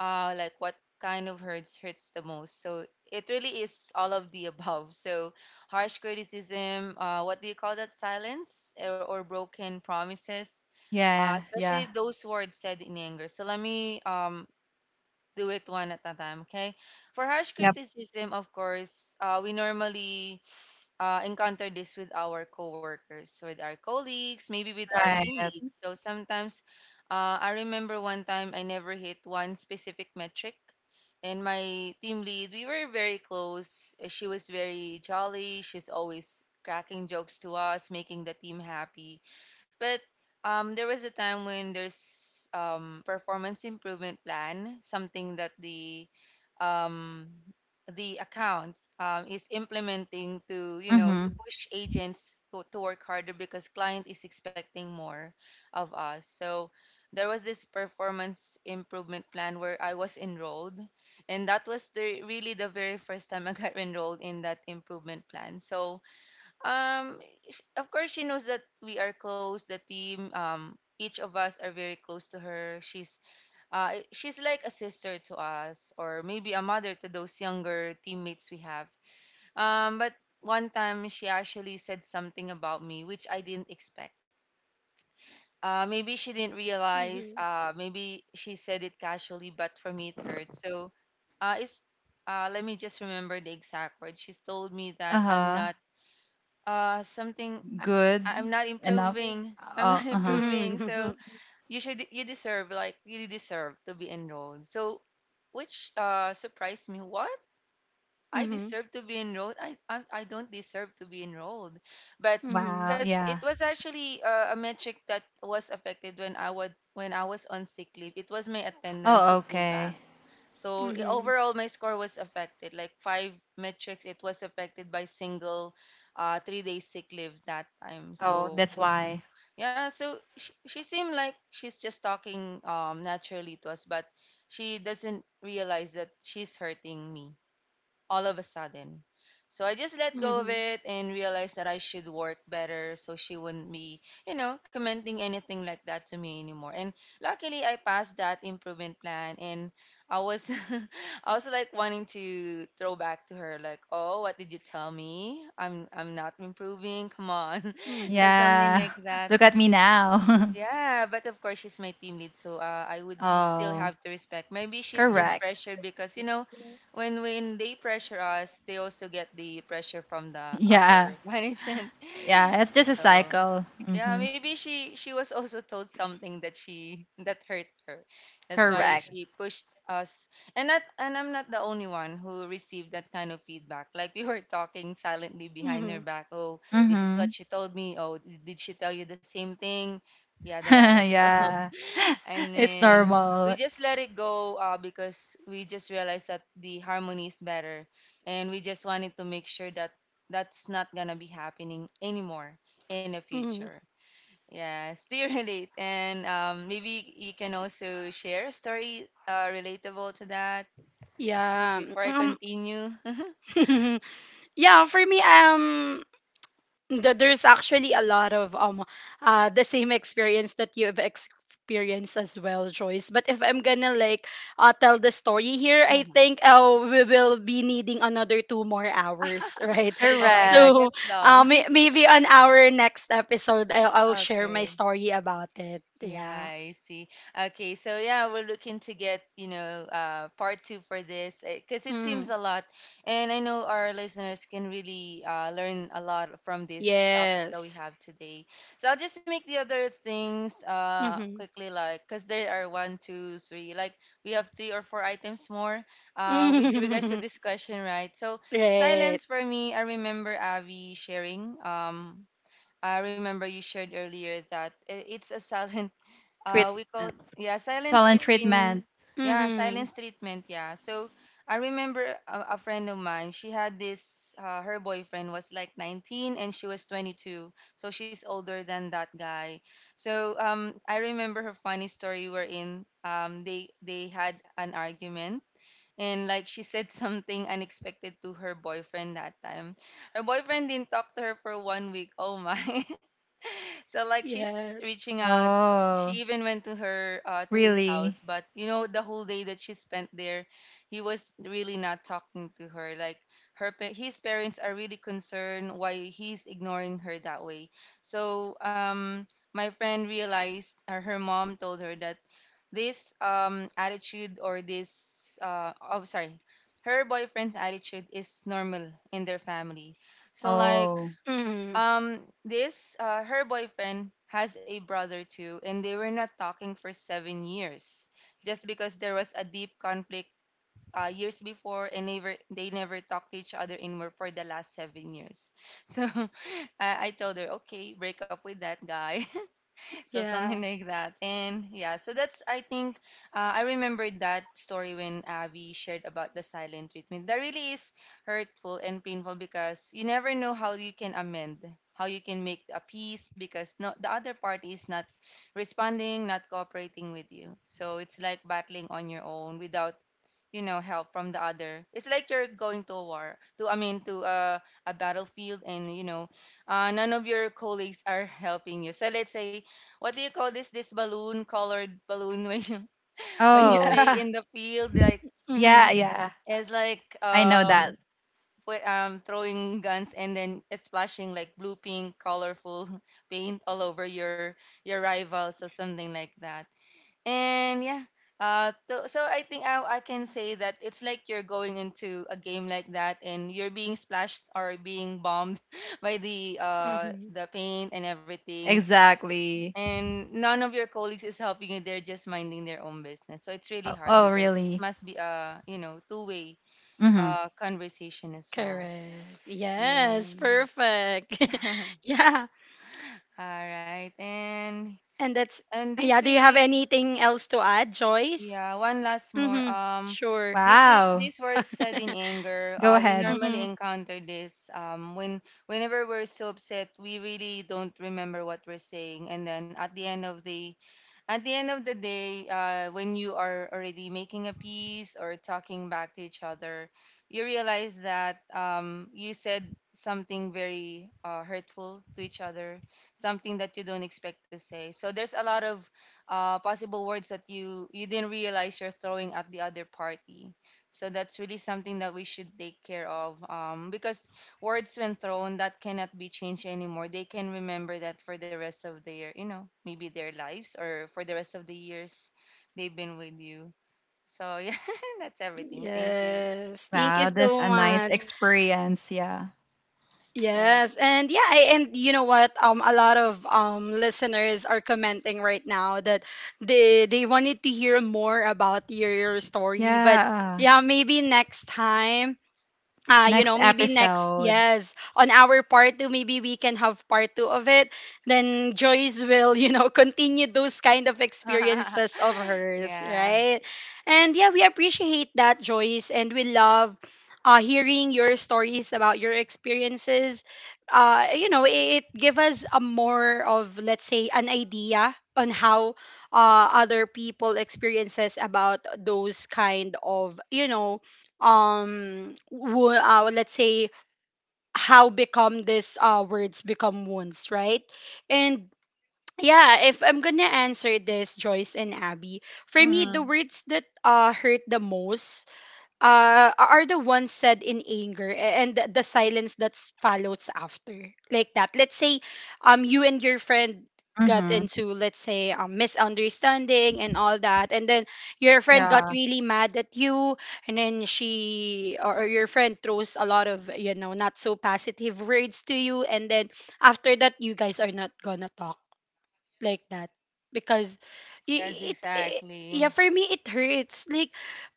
like what kind of hurts the most? So it really is all of the <laughs> above. So harsh criticism, what do you call that? Silence or broken promises, Yeah, especially yeah. those words said in anger. So let me do it one at a time, okay? For harsh Yep, criticism, of course, we normally encounter this with our coworkers, with our colleagues, maybe with our team right. leads. So sometimes, I remember one time I never hit one specific metric, and my team lead, we were very close. She was very jolly. She's always cracking jokes to us, making the team happy. But there was a time when there's performance improvement plan, something that um, the account is implementing to, you know, to Mhm. push agents to work harder because client is expecting more of us. So there was this performance improvement plan where I was enrolled, and that was the really the very first time I got <laughs> enrolled in that improvement plan. So um of course she knows that we are close, the team, each of us are very close to her. She's she's like a sister to us or maybe a mother to those younger teammates we have. But one time she actually said something about me which I didn't expect. Maybe she didn't realize. Mm-hmm. Maybe she said it casually, but for me it hurt. So it's let me just remember the exact words. She told me that I'm Uh-huh. not something. Good I'm not enough. improving. I'm not Oh, <laughs> uh-huh. improving. So <laughs> you deserve, like you deserve to be enrolled. So which surprised me. What? I Mm-hmm. deserve to be enrolled. I don't deserve to be enrolled, but Mm-hmm. Wow, because it yeah. was actually a metric that was affected when I would when I was on sick leave. It was my attendance who Oh, pulled back. okay. So Mm-hmm. overall, my score was affected. Like five metrics, it was affected by single, 3 day sick leave that time. Oh, So that's why. yeah, so she seemed like she's just talking naturally to us, but she doesn't realize that she's hurting me all of a sudden. So I just let go of Mm-hmm. it and realized that I should work better so she wouldn't be, you know, commenting anything like that to me anymore. And luckily I passed that improvement plan, and I was <laughs> I was like wanting to throw back to her like, "Oh, what did you tell me? I'm not improving. Come on." <laughs> So Mm-hmm. something Yeah. like <laughs> that. Look at me now. <laughs> Yeah, but of course she's my team lead, so I would still Oh, have to respect. Maybe she's just correct. pressured because, you know, when they pressure us, they also get the pressure from the upper Yeah. <laughs> management. Yeah, it's just a So cycle. yeah, Mm-hmm. maybe she was <laughs> also told something that she that hurt her. That's why Correct. she pushed us. And not and I'm not the only one who received that kind of feedback. Like we were talking silently behind her Mm-hmm. back. Oh, this is Mm-hmm. what she told me. Oh, did she tell you the same thing? Yada <laughs> yada. So <laughs> yeah. and <laughs> It's then we normal. just let it go because we just realized that the harmony is better, and we just wanted to make sure that that's not gonna be happening anymore in the Mm-hmm. Mm-hmm. future. Yes, do you <laughs> relate? And maybe you can also share a story relatable to that Yeah. before I continue. <laughs> <laughs> Yeah, for me, there's actually a lot of the same experience that you have experienced as well, Joyce, but if I'm gonna like tell the story here, I think we will be needing another 2 more hours <laughs> right. Oh, I think Correct. So that's long. Maybe on our next episode I'll <laughs> share my Okay. story about it. Yeah. Yeah, I see. Okay, so yeah, we're looking to get, you know, part two for this because it Mm. seems a lot. And I know our listeners can really learn a lot from this topic that we Yes. have today. So I'll just make the other things Mm-hmm. quickly, like, because there are one, two, three, like, we have three or four items more with regards to <laughs> this question, right? So, Right. silence for me, I remember Avi sharing. I remember you shared earlier that it's a <laughs> silent, we call Treatment. yeah, silence Silent between, treatment. yeah, Mm-hmm. silence treatment. Yeah, so I remember a friend of mine. She had this her boyfriend was like 19 and she was 22, so she's older than that guy. So I remember her funny story wherein they had an argument, and like she said <laughs> something unexpected to her boyfriend that time. Her boyfriend didn't talk to her for 1 week. Oh my. <laughs> So like she's Yes. reaching out. Oh, She even went to her to his really? house, but you know the whole day that she spent there, he was really not talking to her. Like his parents are really concerned why he's ignoring her that way. So my friend realized, or her mom told her that this attitude or this oh, sorry, her boyfriend's attitude is normal in their family. So like Oh. Mm. This her boyfriend has a brother too, and they were not talking for 7 years, just because there was a deep conflict years before, and never they never talked to each other anymore for the last 7 years. <laughs> So, I told her, okay, break up with that guy. <laughs> So Yeah, something <laughs> like that. And yeah, so that's I remembered that story when Abby shared about the silent treatment. That really is hurtful and painful, because you never know how you can amend, how you can make a peace, because no, the other party is not responding, not cooperating with you. So it's like battling on your own without, you know, help from the other. It's like you're going to a war, to to a battlefield, and you know, none of your colleagues are helping you. So let's say, what do you call this, balloon, colored balloon, <laughs> when you, when you Oh. play yeah. in the field, like <laughs> Hmm. Yeah, yeah. it's like I know that. Put, throwing guns, and then it's splashing like blue, pink, colorful <laughs> paint all over your rival. So something like that. And yeah, so I think I can say that it's like you're going into a game like that, and you're being splashed or being bombed <laughs> by Mm-hmm. the paint and everything, Exactly. and none of your colleagues is helping you. They're just minding their own business. So it's really Oh, hard, oh because it really? must be a, you know, two way Mm-hmm. Conversation as well. Correct. Yes, Yeah. perfect. <laughs> <laughs> Yeah. All right, and And that's this yeah, do you have really. anything else to add, Joyce? Yeah, one last more. Mm-hmm. Sure. This Wow. these words said in <laughs> anger. Go We ahead. normally Mm-hmm. encounter this. When whenever we're so upset, we really don't remember what we're saying, and then at the end of the, at the end of the day, when you are already making a piece or talking back to each other, you realize that you said something very hurtful to each other, something that you don't expect to say. So there's a lot of possible words that you didn't realize you're throwing at the other party. So that's really something that we should take care of, because words, when thrown, that cannot be changed anymore. They can remember that for the rest of their, you know, maybe their lives, or for the rest of the years they've been with you. So yeah, <laughs> that's everything, thank you. Yes. Thank you Wow, that's so a nice much. experience. Yeah. Yeah. Yes. And yeah, I, and you know what? A lot of listeners are commenting right now that they wanted to hear more about your story, but Yeah. yeah, maybe next time, Next episode. yes, on our part two, maybe we can have part two of it. Then Joyce will, <laughs> continue those kind of experiences of <laughs> hers, Yeah. right? And yeah, we appreciate that, Joyce, and we love hearing your stories about your experiences. It give us a more of, let's say, an idea on how other people experiences about those kind of, you know, let's say how become this words become wounds, right? And yeah, if I'm gonna answer this, Joyce and Abby, for me the Hmm. words that hurt the most are the ones said in anger, and the silence that follows after, like that. Let's say you and your friend got Mm-hmm. into, let's say, misunderstanding and all that, and then your friend got Yeah. really mad at you, and then she or your friend throws a lot of, you know, not so positive words to you, and then after that, you guys are not gonna talk, like that. Because Yes, y- it yeah, exactly. for me it hurts, like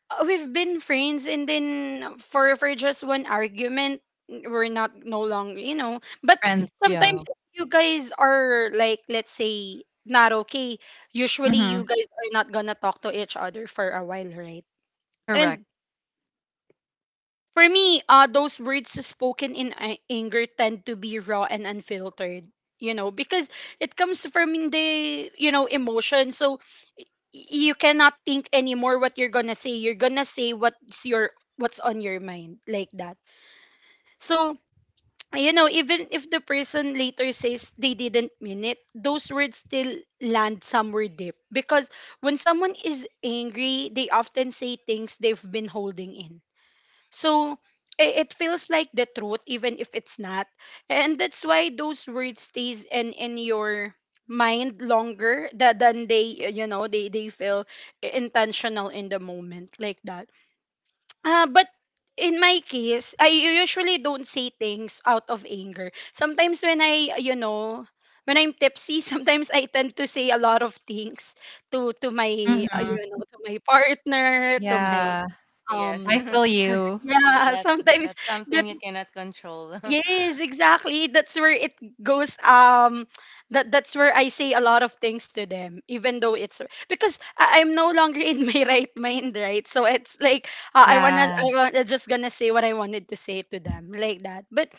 we've been friends, and then for just one argument we're not no longer, you know. But Friends. sometimes Yeah. if you guys are, like, let's say, not okay, usually you Mhm. guys are not gonna talk to each other for a while, right? Correct. And for me, those words spoken in anger tend to be raw and unfiltered, you know, because it comes from the, you know, emotion. So you cannot think anymore what you're gonna say. You're gonna say what's on your mind, like that. So <tsk> even if the person later says they didn't mean it, those words still land somewhere deep. Because when someone is angry, they often say things they've been holding in, so it feels like the truth even if it's not. And that's why those words stays in your mind longer than they feel intentional in the moment, like that. But in my case, I usually don't say things out of anger. Sometimes when I you know when I'm tipsy, <laughs> sometimes I tend to say a lot of things to to my uh, you Mhm. know to my partner, to my Yeah. Ah, yes. um, I <laughs> feel <laughs> you. yeah, That, sometimes. that's something That you cannot control. <laughs> Yes, exactly. That's where it goes. That's where I say a lot of things to them, even though it's because I'm no longer in my <laughs> right mind, right? So it's like, I wanna, Yeah. I wanna just gonna say what I wanted to say to them, like that. But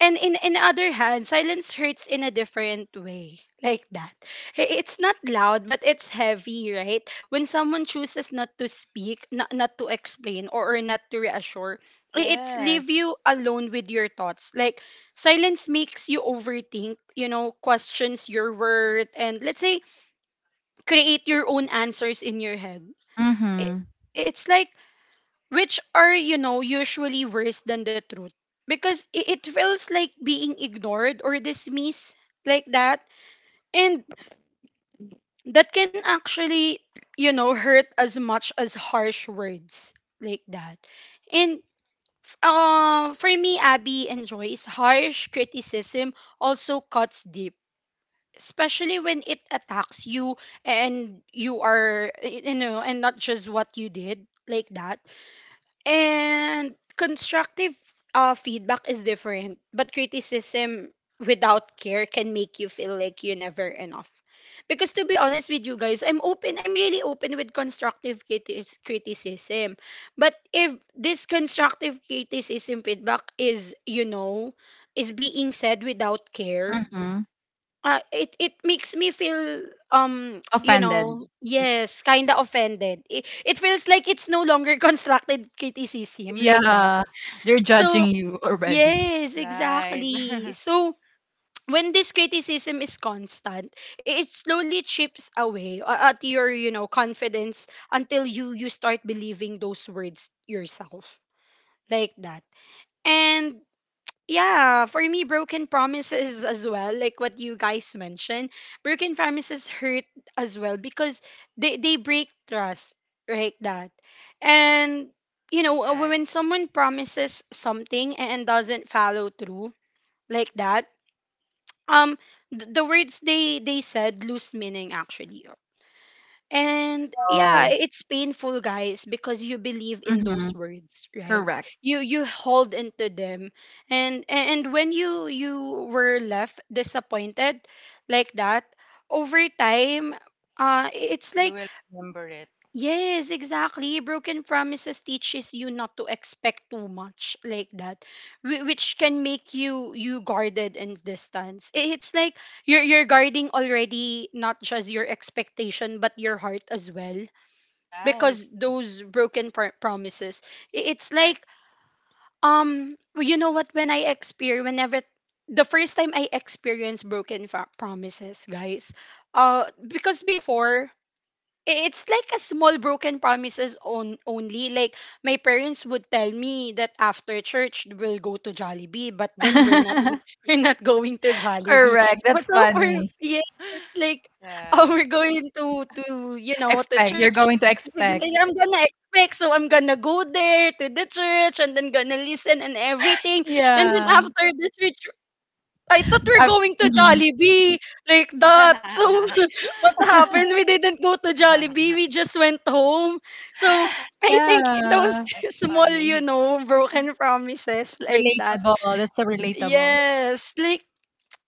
and in other hand, silence hurts in a different way, like that. It's not loud, but it's heavy, right? When someone chooses not to speak, not to explain, or not to reassure, it's leave Yes. you alone with your thoughts. Like, silence makes you overthink, questions your worth, and, let's say, create your own answers in your head. I Mhm. It's like, which are, usually worse than the truth, because it feels like being ignored or dismissed, like that. And that can actually, hurt as much as harsh words, like that. And for me, Abby enjoys, harsh criticism also cuts deep, especially when it attacks you and you are, and not just what you did, like that. And constructive feedback is different, but criticism without care can make you feel like you're never enough. Because, to be honest with you guys, I'm open. I'm really open with constructive criticism. But if this constructive criticism feedback is being said without care, Mhm. It makes me feel <tsk> Offended. Y yes, kind of offended. It feels like it's no longer <laughs> constructed criticism, like that. yeah. They're judging So you already. yes, Right. exactly. <laughs> So <tsk> when this criticism is constant, it slowly chips away at your, confidence, until you start believing those words yourself, like that. And yeah, for me, broken promises as well, like what you guys mentioned, broken promises hurt as well because they break trust, right? That. And, Correct. when someone promises something and doesn't follow through, like that, um, the words they said lose meaning, actually, and yeah, Oh. it's painful, guys, because you believe in those Mhm. words, right? Correct. You hold into them, and when you were left disappointed, like that, over time, it's You like will remember it. Yes, exactly. Broken promises teaches you not to expect too much, like that, which can make you guarded and distance. It's like you're guarding already, not just your expectation but your heart as well, Right. because those broken promises. It's like Correct. You know what, when I experience, whenever the first time I experienced broken promises, guys. Because before it's like a small broken promises on only like my parents would tell me that after church we'll go to Jollibee but then we're not <laughs> <laughs> we're not going to Jollibee Correct. but That's so for funny. yes like <laughs> Yeah. oh we're going to you know to Expect. You're church. going to Like, expect. I'm gonna expect so I'm gonna go there to the church and then gonna listen and everything, and then Yeah. after the church I thought we're I've going to mhm. Jollibee like that. So <laughs> <laughs> what happened? <laughs> We didn't go to Jollibee. We just went home. So I think those Yeah. <laughs> That's small, you funny. know, broken promises like that. Relatable. That's so relatable. Yes, like,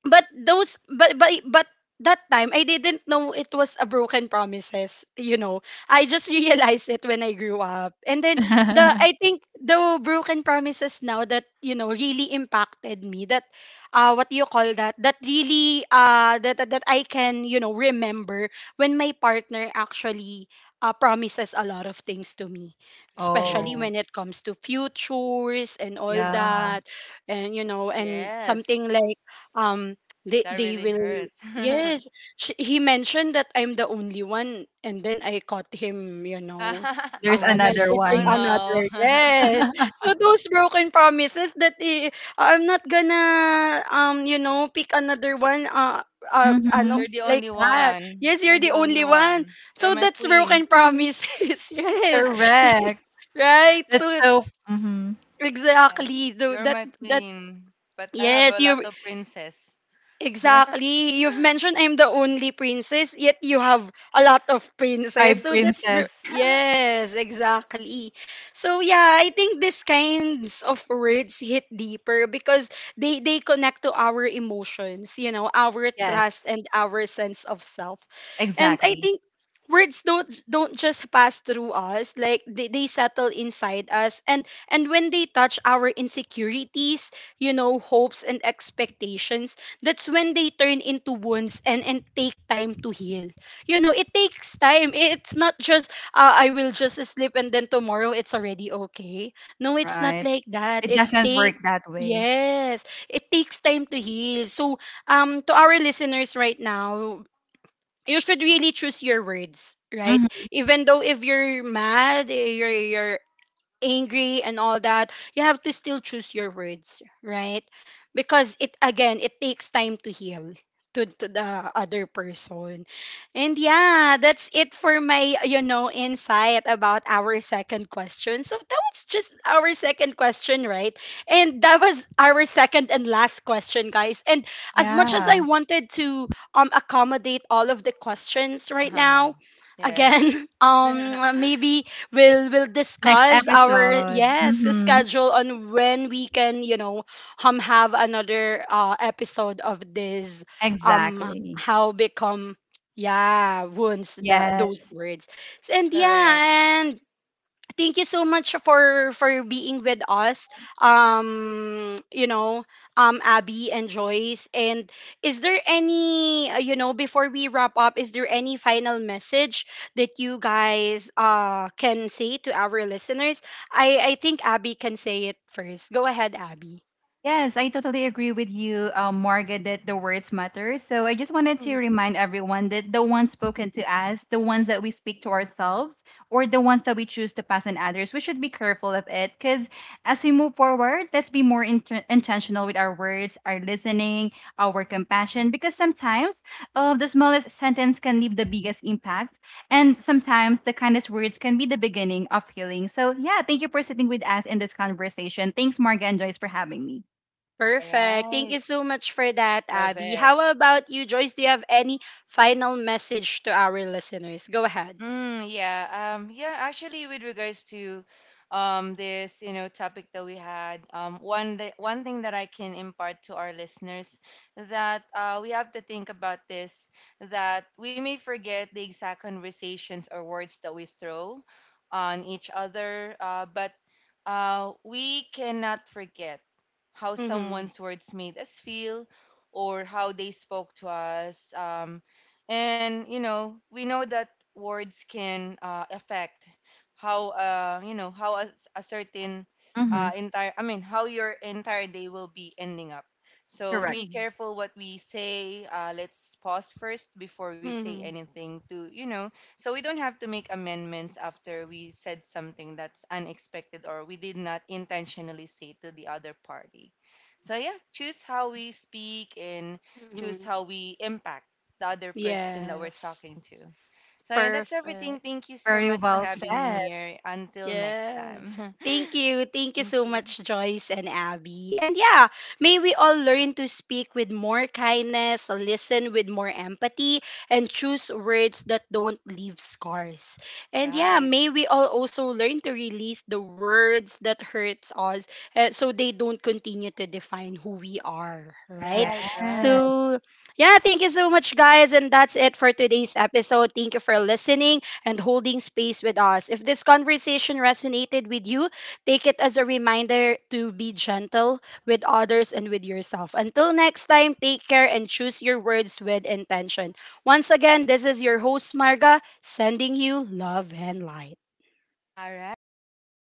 but those but that time I didn't know it was a broken promises, you know. I just <laughs> realized it when I grew up. And then the <laughs> I think the broken promises now that, you know, really impacted me, that what do you call that? That really that I can, you know, remember when my partner actually promises a lot of things to me, especially Oh, when it comes to futures and all yeah. that, and you know, and Yes, something like um they that they really will, hurts. yes, sh he mentioned that I'm the only one, and then I caught him, you know, <laughs> There's another messaging Oh one. another, no. yes. <laughs> So those broken promises that I'm not gonna you know pick another one, <laughs> ano, Mhm. You're the like only that. one. Yes, You're you're the the only only one. one. You're So my that's queen. broken promises. <laughs> Yes, Correct. right. That's So so mhm. Yeah, exactly, so you're that my that queen. But I have Yes, a lot you. of princess. <laughs> Exactly. You've mentioned I'm the only princess, yet you have a lot of My princes. So that's princess. yes, exactly. So yeah, I think these kinds of words hit deeper because they connect to our emotions, you know, our trust Yes, and our sense of self. And I exactly. think words don't just pass through us, like they settle inside us, and when they touch our insecurities, you know, hopes and expectations, that's when they turn into wounds and take time to heal. You know, it takes time. It's not just I will just sleep and then tomorrow it's already okay. No, it's not Right. like that. It It's doesn't work take, that way. yes, it takes time to heal. So to our listeners right now, you should really choose your words, right? Hmm. Even though if you're mad, you're angry and all that, you have to still choose your words, right? Because it, again, it takes time to heal to the other person. And yeah, that's it for my, you know, insight about our second question. So that was just our second question, right? And that was our second and last question, guys. And as much as I Yeah. wanted to accommodate all of the questions right now, again, Yes, <laughs> maybe we'll Next discuss our, episode. yes, Hmm. schedule on when we can, you know, have another episode of this, Exactly. how become, yeah, wounds the those Yes. words. And correct. yeah, and thank you so much for being with us, you know, Abby and Joyce. And is there any you know, before we wrap up, is there any final message that you guys can say to our listeners? I think Abby can say it first. Go ahead, Abby. Yes, I totally agree with you, Margaret, that the words matter. So I just wanted to Mm. remind everyone that the ones spoken to us, the ones that we speak to ourselves, or the ones that we choose to pass on others, we should be careful of it. Because as we move forward, let's be more intentional with our words, our listening, our compassion, because sometimes the smallest sentence can leave the biggest impact. And sometimes the kindest words can be the beginning of healing. So yeah, thank you for sitting with us in this conversation. Thanks, Margaret and Joyce, for having me. All Perfect. Thank right, you so much for that, love Abby. it. How about you, Joyce? Do you have any final message to our listeners? Go ahead. Mm, yeah. Yeah, actually with regards to this, you know, topic that we had, one, that one thing that I can impart to our listeners, that we have to think about this, that we may forget the exact conversations or words that we throw on each other, but we cannot forget how Mm-hmm. someone's words made us feel or how they spoke to us. And, you know, we know that words can affect how, you know, how a certain Mhm, entire, I mean, how your entire day will be ending up. So correct. be careful what we say. Let's pause first before we say Mm-hmm. anything, to, you know, so we don't have to make amendments after we said something that's unexpected or we did not intentionally say to the other party. So yeah, choose how we speak and choose Mhm. how we impact the other person that we're Yes. talking to. So yeah, that's everything. Perfect. Thank you so Very much for well having <laughs> said. me here. Until next Yes. time. Thank you. <laughs> Thank you Thank so you. much, Joyce and Abby. And yeah, may we all learn to speak with more kindness, listen with more empathy, and choose words that don't leave scars. And yeah, Right, may we all also learn to release the words that hurts us, so they don't continue to define who we are, right? Yes. right, right. So, yeah, thank you so much, guys. And that's it for today's episode. Thank you for listening and holding space with us. If this conversation resonated with you, take it as a reminder to be gentle with others and with yourself. Until next time, take care and choose your words with intention. Once again, this is your host, Marga, sending you love and light. All right. Bye.